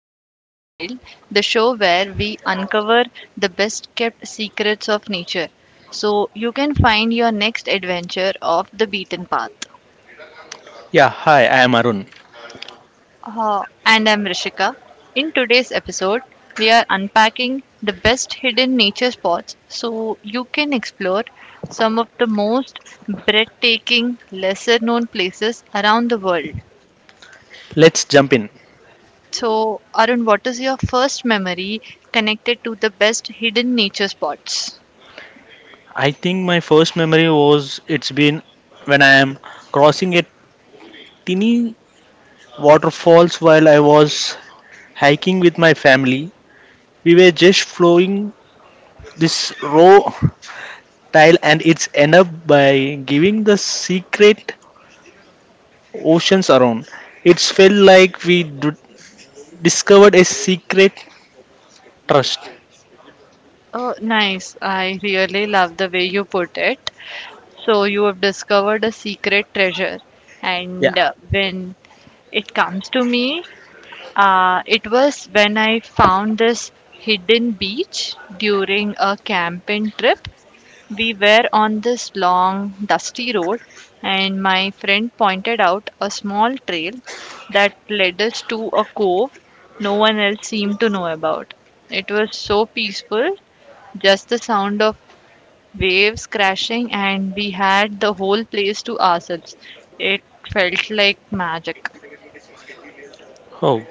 Into the Wild, the show where we uncover the best kept secrets of nature so you can find your next adventure off the beaten path. Yeah, hi, I am Arun. And I'm Rishika. In today's episode, we are unpacking the best hidden nature spots so you can explore some of the most breathtaking, lesser known places around the world. Let's jump in. So, Arun, what is your first memory connected to the best hidden nature spots? I think my first memory was it's been when I am crossing a tiny waterfalls while I was hiking with my family. We were just flowing this raw tile and it's end up by giving the secret oceans around. It's felt like we discovered a secret trust. Oh, nice. I really love the way you put it. So, you have discovered a secret treasure. Yeah. And when it comes to me, it was when I found this hidden beach during a camping trip. We were on this long, dusty road, and my friend pointed out a small trail that led us to a cove no one else seemed to know about. It was so peaceful, just the sound of waves crashing, and we had the whole place to ourselves. It felt like magic. Oh,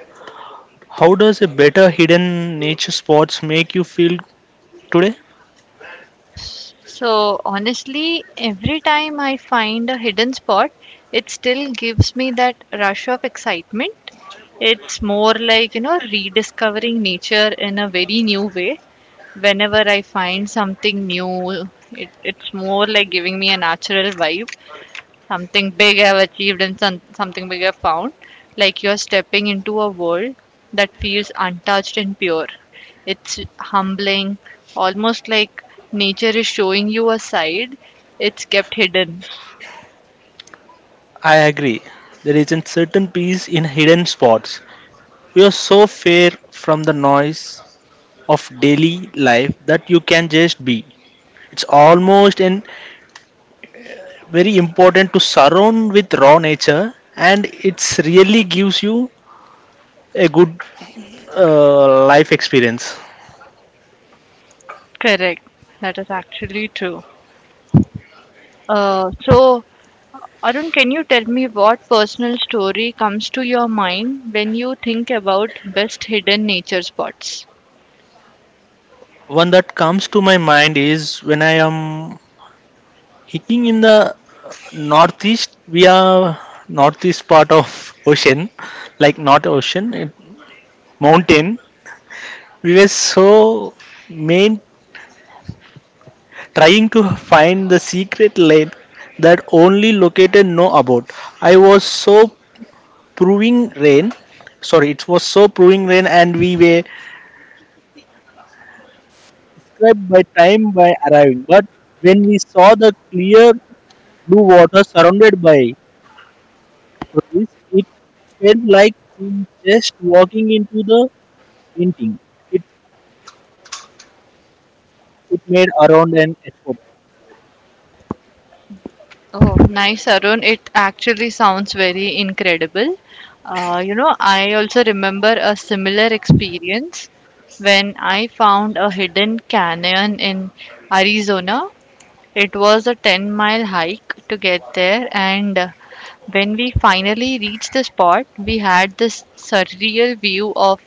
how does a better hidden nature spots make you feel today? So honestly, every time I find a hidden spot, it still gives me that rush of excitement. It's more like, you know, rediscovering nature in a very new way. Whenever I find something new, it's more like giving me a natural vibe, something big I've achieved and something big I've found. Like you're stepping into a world that feels untouched and pure. It's humbling, almost like nature is showing you a side it's kept hidden. I agree. There is a certain peace in hidden spots. You are so far from the noise of daily life that you can just be. It's almost and very important to surround with raw nature, and it's really gives you a good life experience. Correct. That is actually true. So, Arun, can you tell me what personal story comes to your mind when you think about best hidden nature spots? One that comes to my mind is when I am hiking in the northeast. We are northeast part of ocean, like not ocean, it, mountain. We were so main trying to find the secret lane that only located know about. I was so proving rain. Sorry, it was so proving rain, and we were trapped by time by arriving. But when we saw the clear blue water surrounded by trees, it felt like we just walking into the painting. It it made around an effort. Oh, nice, Arun. It actually sounds very incredible. You know, I also remember a similar experience when I found a hidden canyon in Arizona. It was a 10-mile hike to get there, and when we finally reached the spot, we had this surreal view of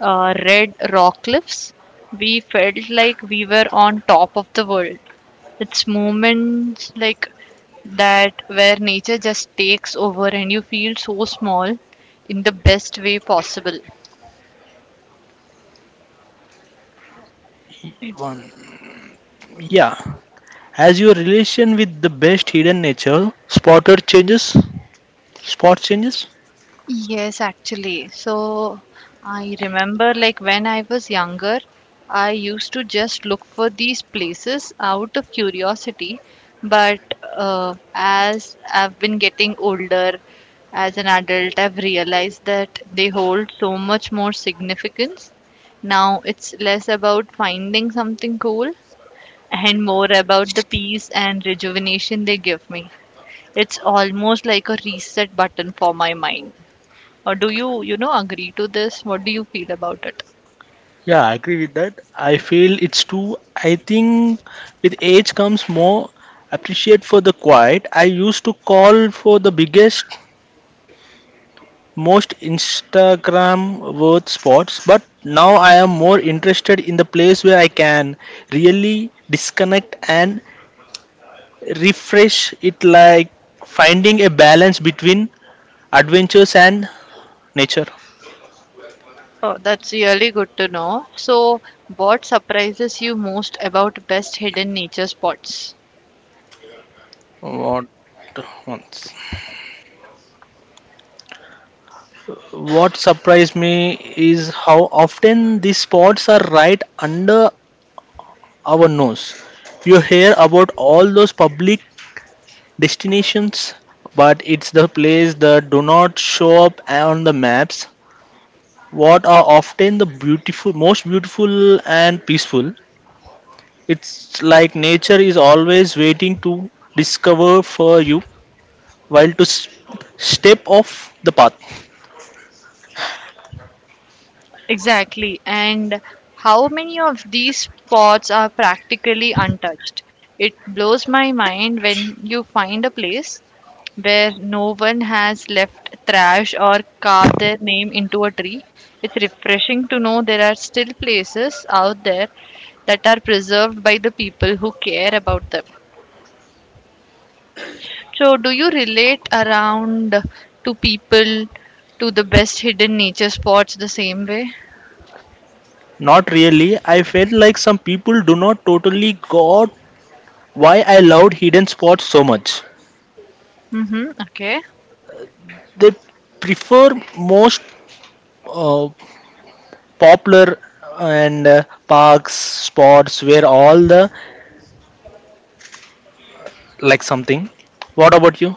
red rock cliffs. We felt like we were on top of the world. It's moments like that where nature just takes over and you feel so small in the best way possible. One. Yeah. Has your relation with the best hidden nature spotted changes? Spot changes? Yes, actually. So I remember like when I was younger, I used to just look for these places out of curiosity. But as I've been getting older, as an adult, I've realized that they hold so much more significance. Now it's less about finding something cool and more about the peace and rejuvenation they give me. It's almost like a reset button for my mind. Or do you, you know, agree to this? What do you feel about it? Yeah, I agree with that. I feel it's too. I think with age comes more appreciate for the quiet. I used to call for the biggest, most Instagram worth spots, but now I am more interested in the place where I can really disconnect and refresh it like finding a balance between adventures and nature. Oh, that's really good to know. So, what surprises you most about best hidden nature spots? What once? What surprised me is how often these spots are right under our nose. You hear about all those public destinations, but it's the place that do not show up on the maps. What are often the beautiful, most beautiful and peaceful. It's like nature is always waiting to discover for you, while to step off the path. Exactly. And how many of these spots are practically untouched? It blows my mind when you find a place where no one has left trash or carved their name into a tree. It's refreshing to know there are still places out there that are preserved by the people who care about them. So, do you relate around to people to the best hidden nature spots the same way? Not really. I felt like some people do not totally got why I loved hidden spots so much. Mm-hmm. Okay. They prefer most uh, popular and parks spots where all the like something. What about you?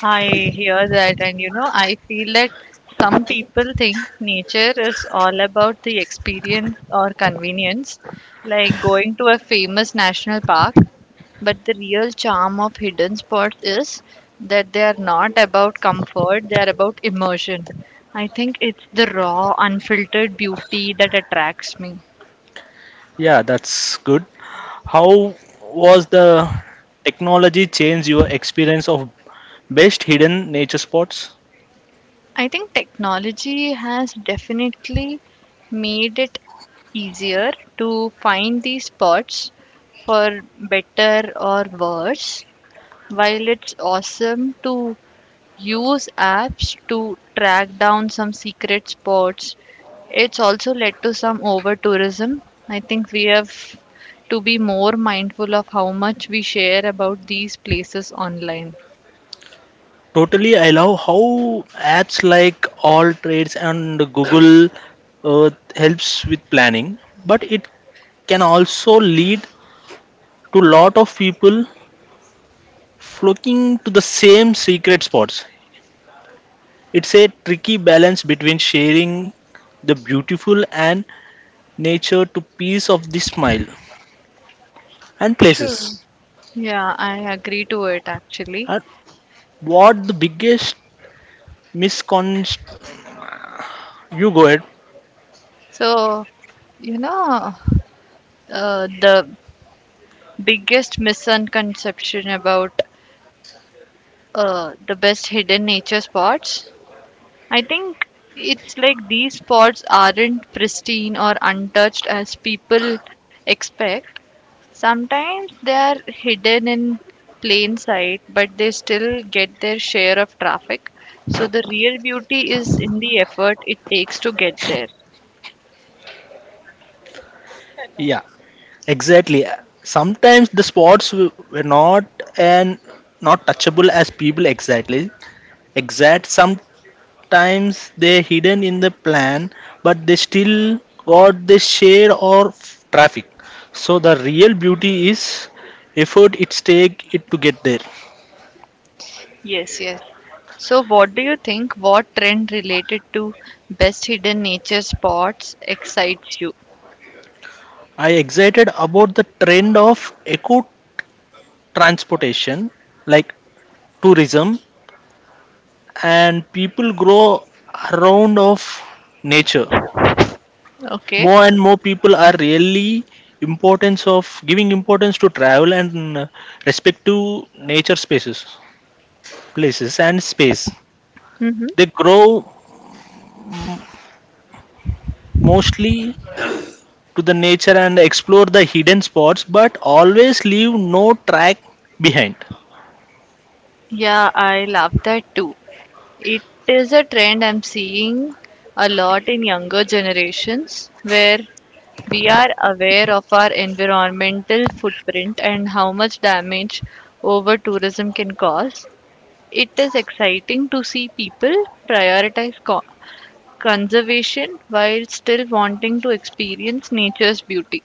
I hear that, and you know, I feel that some people think nature is all about the experience or convenience, like going to a famous national park. But the real charm of hidden spots is that they are not about comfort, they are about immersion. I think it's the raw, unfiltered beauty that attracts me. Yeah, that's good. How was the technology change your experience of best hidden nature spots? I think technology has definitely made it easier to find these spots for better or worse. While it's awesome to use apps to track down some secret spots, it's also led to some over tourism. I think we have to be more mindful of how much we share about these places online. Totally. I love how apps like all trades and google earth helps with planning, but it can also lead to lot of people flocking to the same secret spots. It's a tricky balance between sharing the beautiful and nature to piece of the smile and Sure. places, Yeah, I agree to it actually. and what the biggest misconception? You go ahead. So, you know, the biggest misconception about the best hidden nature spots, I think it's like these spots aren't pristine or untouched as people expect. Sometimes they are hidden in plain sight, but they still get their share of traffic. So the real beauty is in the effort it takes to get there. Yeah. Exactly. Sometimes the spots were not and not touchable as people exactly exact. Sometimes they're hidden in the plan, but they still got the shade or traffic. So the real beauty is effort it's take it to get there. Yes, yes. So, what do you think? What trend related to best hidden nature spots excites you? I excited about the trend of eco transportation, like tourism, and people grow around of nature. Okay. More and more people are really importance of giving importance to travel and respect to nature spaces, places and space. Mm-hmm. They grow mostly to the nature and explore the hidden spots, but always leave no track behind. Yeah, I love that too. It is a trend I'm seeing a lot in younger generations where we are aware of our environmental footprint and how much damage over tourism can cause. It is exciting to see people prioritize conservation while still wanting to experience nature's beauty.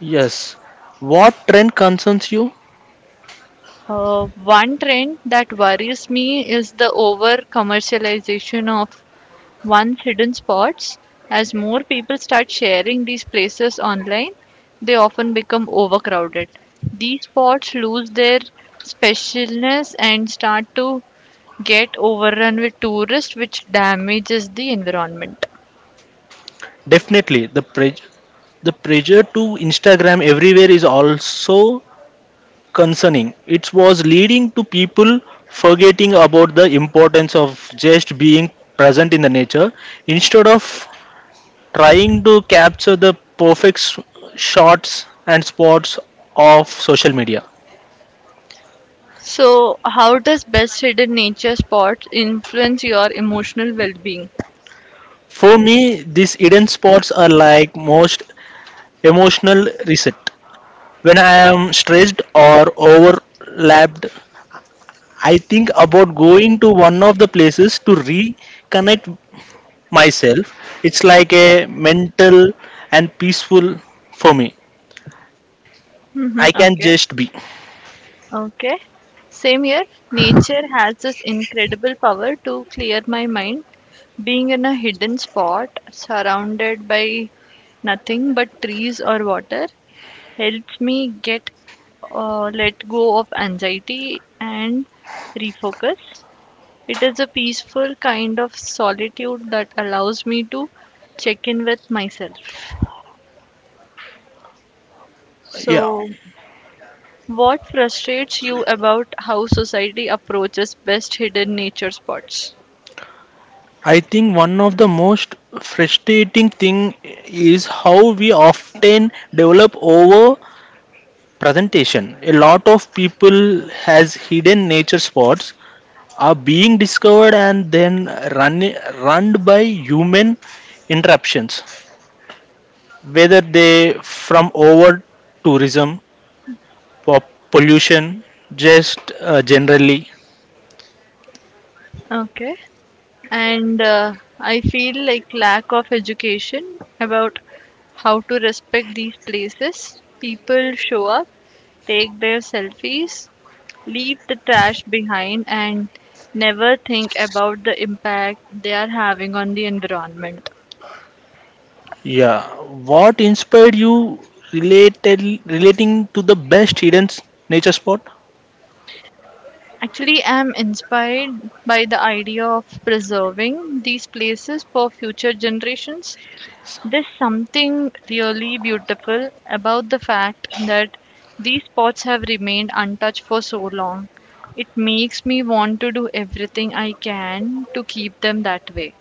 Yes. What trend concerns you? One trend that worries me is the over commercialization of one's hidden spots. As more people start sharing these places online, they often become overcrowded. These spots lose their specialness and start to get overrun with tourists, which damages the environment. Definitely the the pressure to instagram everywhere is also concerning. It was leading to people forgetting about the importance of just being present in the nature instead of trying to capture the perfect shots and spots of social media. So, how does best hidden nature spots influence your emotional well-being? For me, these hidden spots are like most emotional reset. When I am stressed or overlapped, I think about going to one of the places to reconnect myself. It's like a mental and peaceful for me. Hmm. I can Okay, just be. okay. Same here. Nature has this incredible power to clear my mind. Being in a hidden spot, surrounded by nothing but trees or water, helps me get, let go of anxiety and refocus. It is a peaceful kind of solitude that allows me to check in with myself. Yeah. So, what frustrates you about how society approaches best hidden nature spots? I think one of the most frustrating thing is how we often develop over presentation. A lot of people has hidden nature spots are being discovered and then run run by human interruptions, whether they from over tourism, po- pollution, just generally. Okay. And I feel like lack of education about how to respect these places. People show up, take their selfies, leave the trash behind, and never think about the impact they are having on the environment. Yeah. What inspired you related relating to the best hidden nature spot? Actually, I'm inspired by the idea of preserving these places for future generations. There's something really beautiful about the fact that these spots have remained untouched for so long. It makes me want to do everything I can to keep them that way.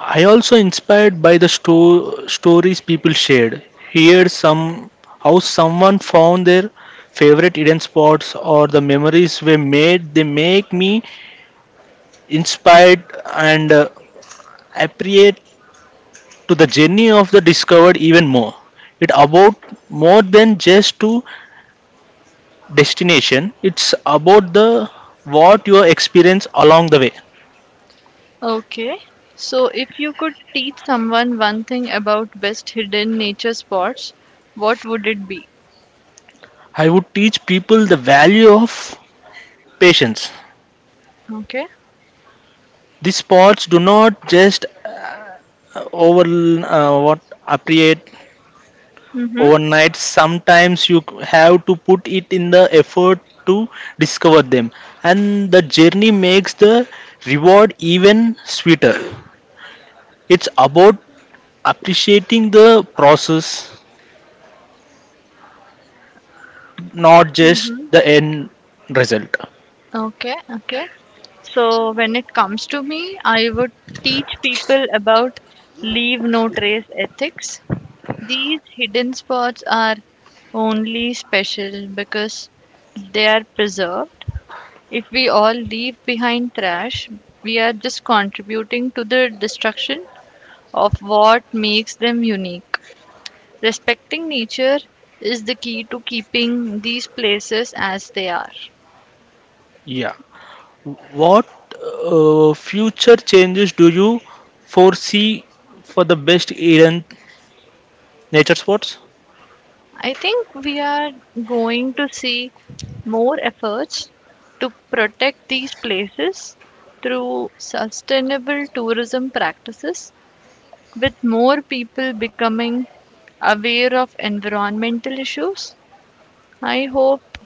I also inspired by the stories people shared. Here, some how someone found their favorite hidden spots or the memories were made. They make me inspired and appreciate to the journey of the discovered even more. It about more than just to destination. It's about the what you experience along the way. Okay, so if you could teach someone one thing about best hidden nature spots, what would it be? I would teach people the value of patience. Okay. These spots do not just over what appreciate Mm-hmm. overnight. Sometimes you have to put it in the effort to discover them, and the journey makes the reward even sweeter. It's about appreciating the process, not just Mm-hmm. the end result. Okay, okay. So, when it comes to me, I would teach people about leave no trace ethics. These hidden spots are only special because they are preserved. If we all leave behind trash, we are just contributing to the destruction of what makes them unique. Respecting nature is the key to keeping these places as they are. Yeah. What future changes do you foresee for the best Indian nature spots? I think we are going to see more efforts to protect these places through sustainable tourism practices, with more people becoming aware of environmental issues. I hope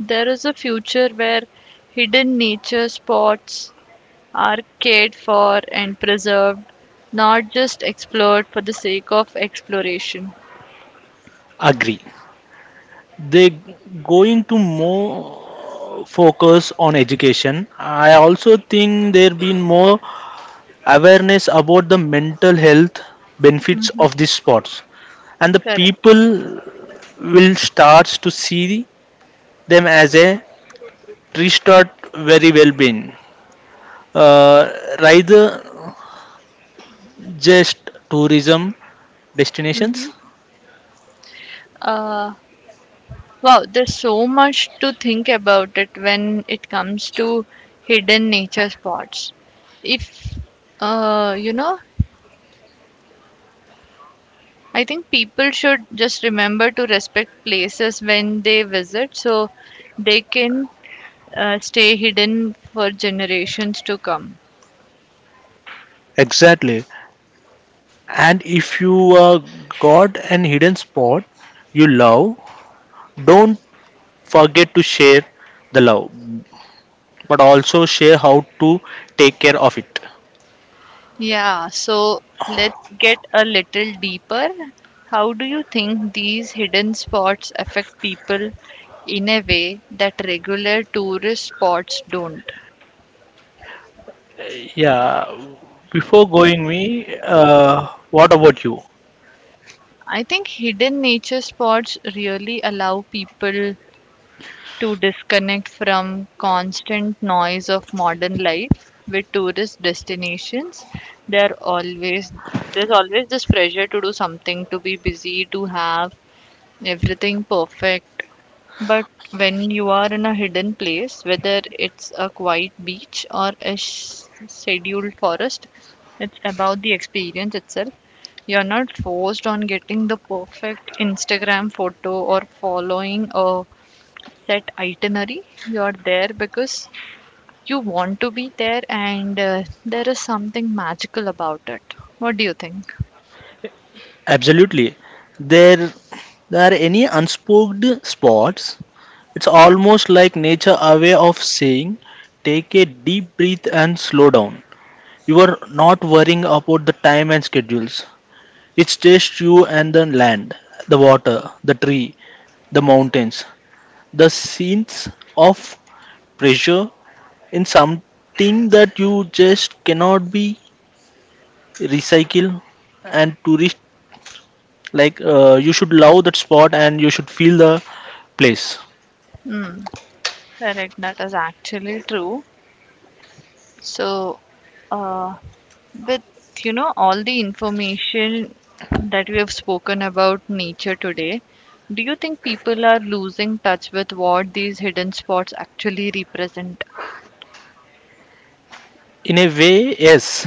there is a future where hidden nature spots are cared for and preserved, not just explored for the sake of exploration. Agree. They going to more focus on education. I also think there been more awareness about the mental health benefits Hmm. of these sports, and the Correct. people will start to see them as a restart very well being, uh, rather just tourism destinations. hmm Uh, Wow, there's so much to think about it when it comes to hidden nature spots. If you know, I think people should just remember to respect places when they visit so they can stay hidden for generations to come. Exactly. And if you got an hidden spot you love, don't forget to share the love, but also share how to take care of it. Yeah, so let's get a little deeper. How do you think these hidden spots affect people in a way that regular tourist spots don't? Yeah, before going me, what about you? I think hidden nature spots really allow people to disconnect from constant noise of modern life with tourist destinations. There always there's always this pressure to do something, to be busy, to have everything perfect. But when you are in a hidden place, whether it's a quiet beach or a scheduled forest, it's about the experience itself. You're not forced on getting the perfect Instagram photo or following a set itinerary. You're there because you want to be there, and there is something magical about it. What do you think? Absolutely. There, there are any unspoken spots. It's almost like nature aware of saying, take a deep breath and slow down. You are not worrying about the time and schedules. It's just you and the land, the water, the tree, the mountains, the scenes of pressure in something that you just cannot be recycled and tourist like you should love that spot and you should feel the place. Hmm, correct, that is actually true. So, uh, with you know all the information that we have spoken about nature today, do you think people are losing touch with what these hidden spots actually represent? In a way, yes,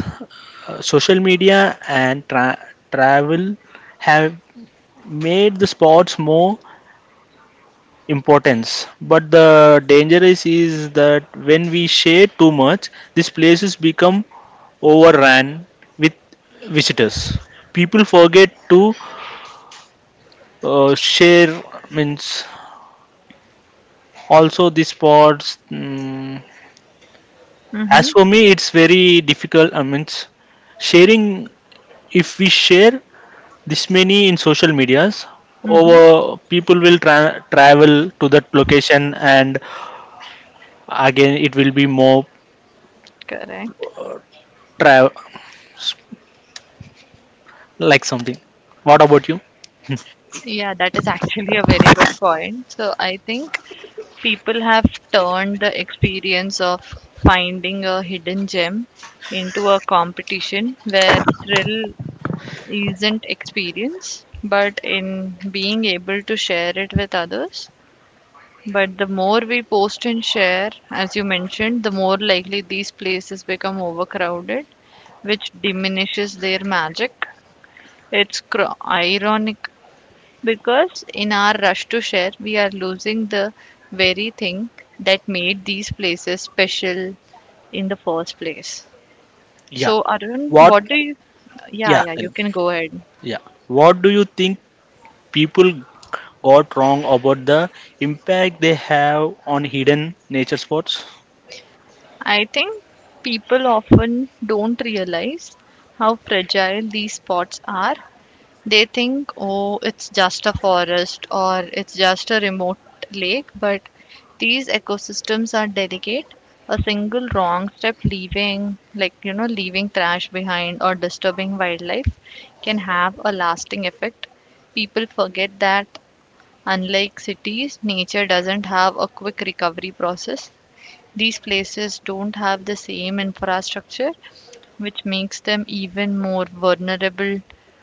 social media and travel have made the spots more importance, but the danger is that when we share too much, these places become overrun with visitors. People forget to share means also the spots. As Mm-hmm. for me, it's very difficult. I mean, sharing, if we share this many in social medias, Mm-hmm. over people will travel to that location, and again it will be more Correct. tra- like something. What about you? Yeah, that is actually a very good point. So I think people have turned the experience of finding a hidden gem into a competition where thrill isn't experience, but in being able to share it with others. But the more we post and share, as you mentioned, the more likely these places become overcrowded, which diminishes their magic. It's ironic because in our rush to share, we are losing the very thing that made these places special in the first place. Yeah. So, Arun, What? what do you? Yeah, Yeah, yeah, tell you me. can go ahead. Yeah. What do you think people got wrong about the impact they have on hidden nature spots? I think people often don't realize how fragile these spots are. They think, oh, it's just a forest or it's just a remote lake, but these ecosystems are delicate. A single wrong step, leaving, like, you know, leaving trash behind or disturbing wildlife, can have a lasting effect. People forget that, unlike cities, nature doesn't have a quick recovery process. These places don't have the same infrastructure, which makes them even more vulnerable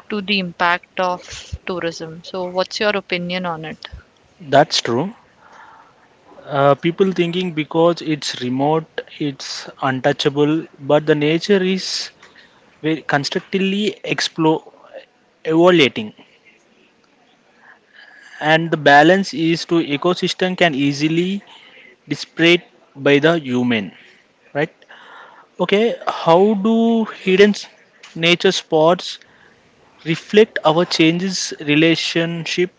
to the impact of tourism. So, what's your opinion on it? That's true. People thinking because it's remote, it's untouchable, but the nature is very constantly explore, evaluating, and the balance is to ecosystem can easily disparate by the human, right? Okay, how do hidden nature spots reflect our changes relationship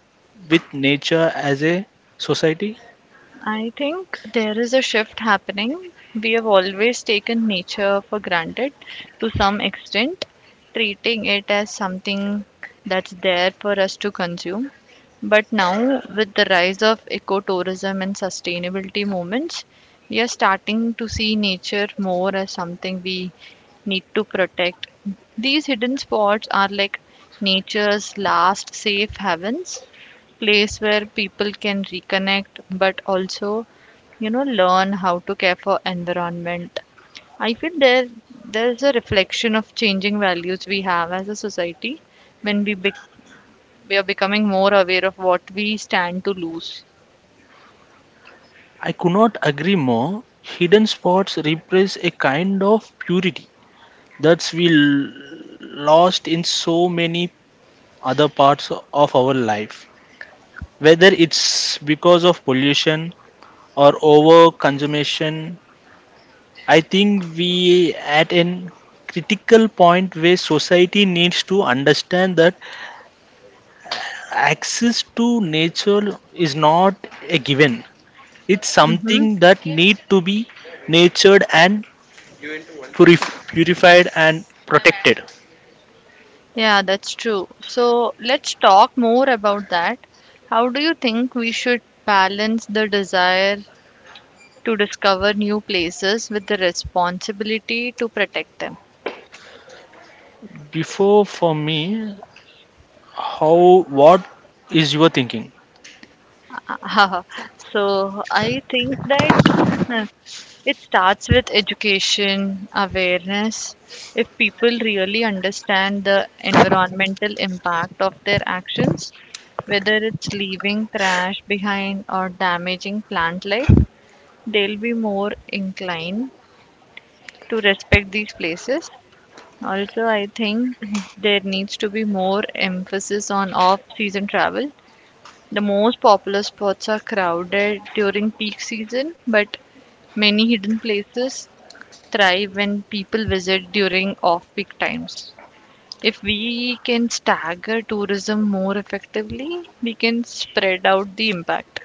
with nature as a society? I think there is a shift happening. We have always taken nature for granted to some extent, treating it as something that's there for us to consume. But now, with the rise of ecotourism and sustainability movements, we are starting to see nature more as something we need to protect. These hidden spots are like nature's last safe havens, place where people can reconnect but also you know learn how to care for environment. I feel there's a reflection of changing values we have as a society. When we are becoming more aware of what we stand to lose. I could not agree more. Hidden spots represent a kind of purity that we lost in so many other parts of our life. Whether it's because of pollution or over consumption, I think we at an critical point where society needs to understand that access to nature is not a given. It's Mm-hmm. something that need to be nurtured and purified and protected. Yeah, that's true. So let's talk more about that. How do you think we should balance the desire to discover new places with the responsibility to protect them? Before for me, how what is your thinking? Uh, so I think that uh, it starts with education awareness. If people really understand the environmental impact of their actions, whether it's leaving trash behind or damaging plant life, they'll be more inclined to respect these places. Also, I think there needs to be more emphasis on off season travel. The most popular spots are crowded during peak season, but many hidden places thrive when people visit during off peak times. If we can stagger tourism more effectively, we can spread out the impact.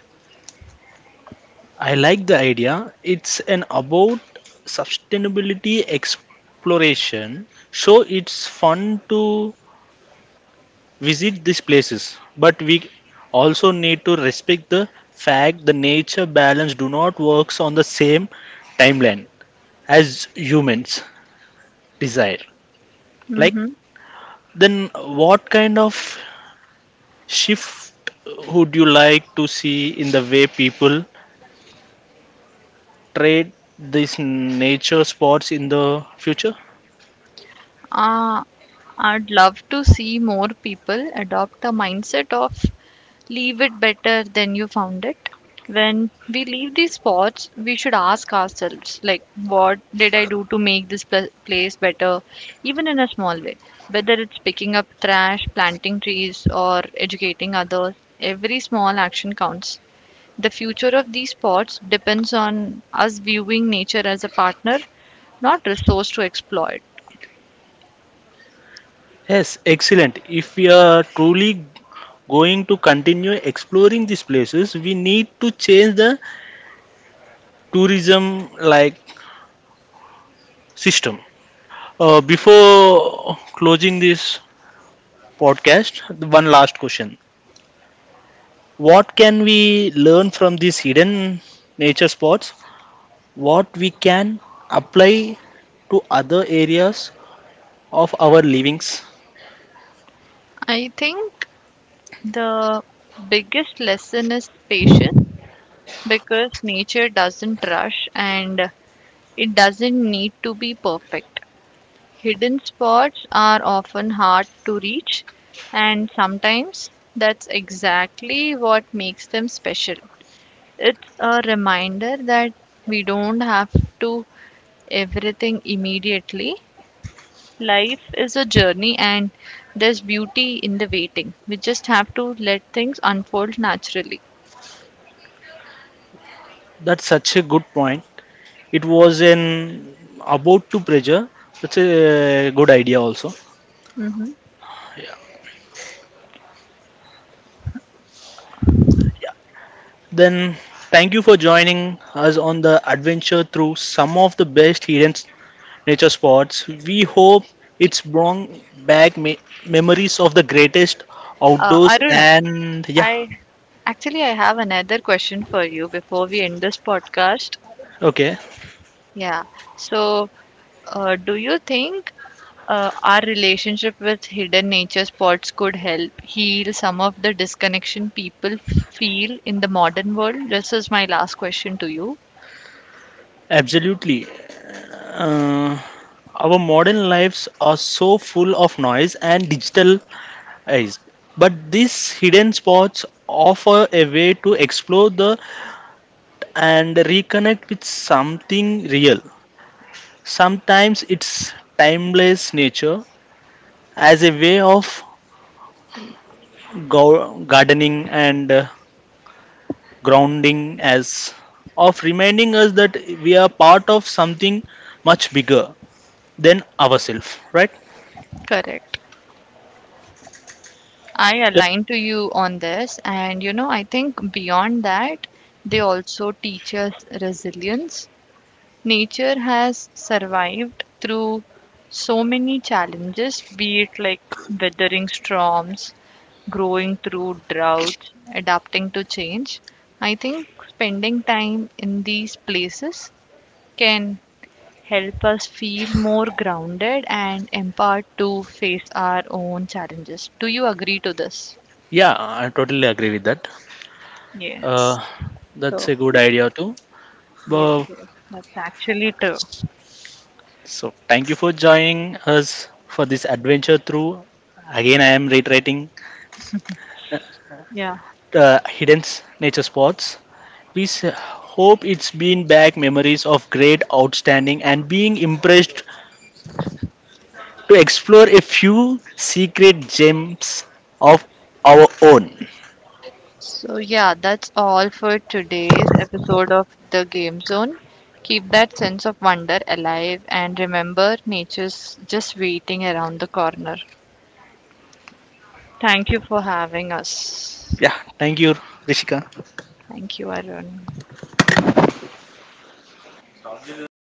I like the idea. It's an about sustainability exploration. So it's fun to visit these places, but we also need to respect the fact the nature balance do not works on the same timeline as humans desire. Like, Mm-hmm. then what kind of shift would you like to see in the way people trade these nature spots in the future? Uh, I'd love to see more people adopt a mindset of leave it better than you found it. When we leave these spots, we should ask ourselves, like, what did I do to make this place better, even in a small way? Whether it's picking up trash, planting trees, or educating others, every small action counts. The future of these spots depends on us viewing nature as a partner, not resource to exploit. Yes, excellent. If we are truly going to continue exploring these places, we need to change the tourism like system. Before closing this podcast, one last question. What can we learn from these hidden nature spots? What we can apply to other areas of our livings? I think the biggest lesson is patience because nature doesn't rush and it doesn't need to be perfect. Hidden spots are often hard to reach, and sometimes that's exactly what makes them special. It's a reminder that we don't have to everything immediately. Life is a journey and there's beauty in the waiting. We just have to let things unfold naturally. That's such a good point. It was an about to pressure. That's a good idea also. hmm Yeah. Yeah. Then thank you for joining us on the adventure through some of the best hidden nature spots. We hope it's brought back memories of the greatest outdoors Arun, and yeah, I actually I have another question for you before we end this podcast. okay, Yeah. So, do you think our relationship with hidden nature spots could help heal some of the disconnection people feel in the modern world? This is my last question to you. absolutely. Uh, our modern lives are so full of noise and digitalized, but these hidden spots offer a way to explore the and reconnect with something real. Sometimes it's timeless nature as a way of gardening and grounding us, of reminding us that we are part of something much bigger than ourselves, right? Correct. I That- align to you on this, and you know, I think beyond that, they also teach us resilience. Nature has survived through so many challenges, be it like weathering storms, growing through droughts, adapting to change. I think spending time in these places can help us feel more grounded and empowered to face our own challenges. Do you agree to this? Yeah, I totally agree with that. Yes. Uh, that's So, a good idea too. yes, Well, yes. That's actually true. so thank you for joining us for this adventure through. Again, I am reiterating Yeah. Hidden nature spots. We hope it's been back memories of great, outstanding, and being impressed to explore a few secret gems of our own. So, yeah, that's all for today's episode of The Game Zone. Keep that sense of wonder alive and remember, nature's just waiting around the corner. Thank you for having us. Yeah, thank you, Rishika. Thank you, Arun.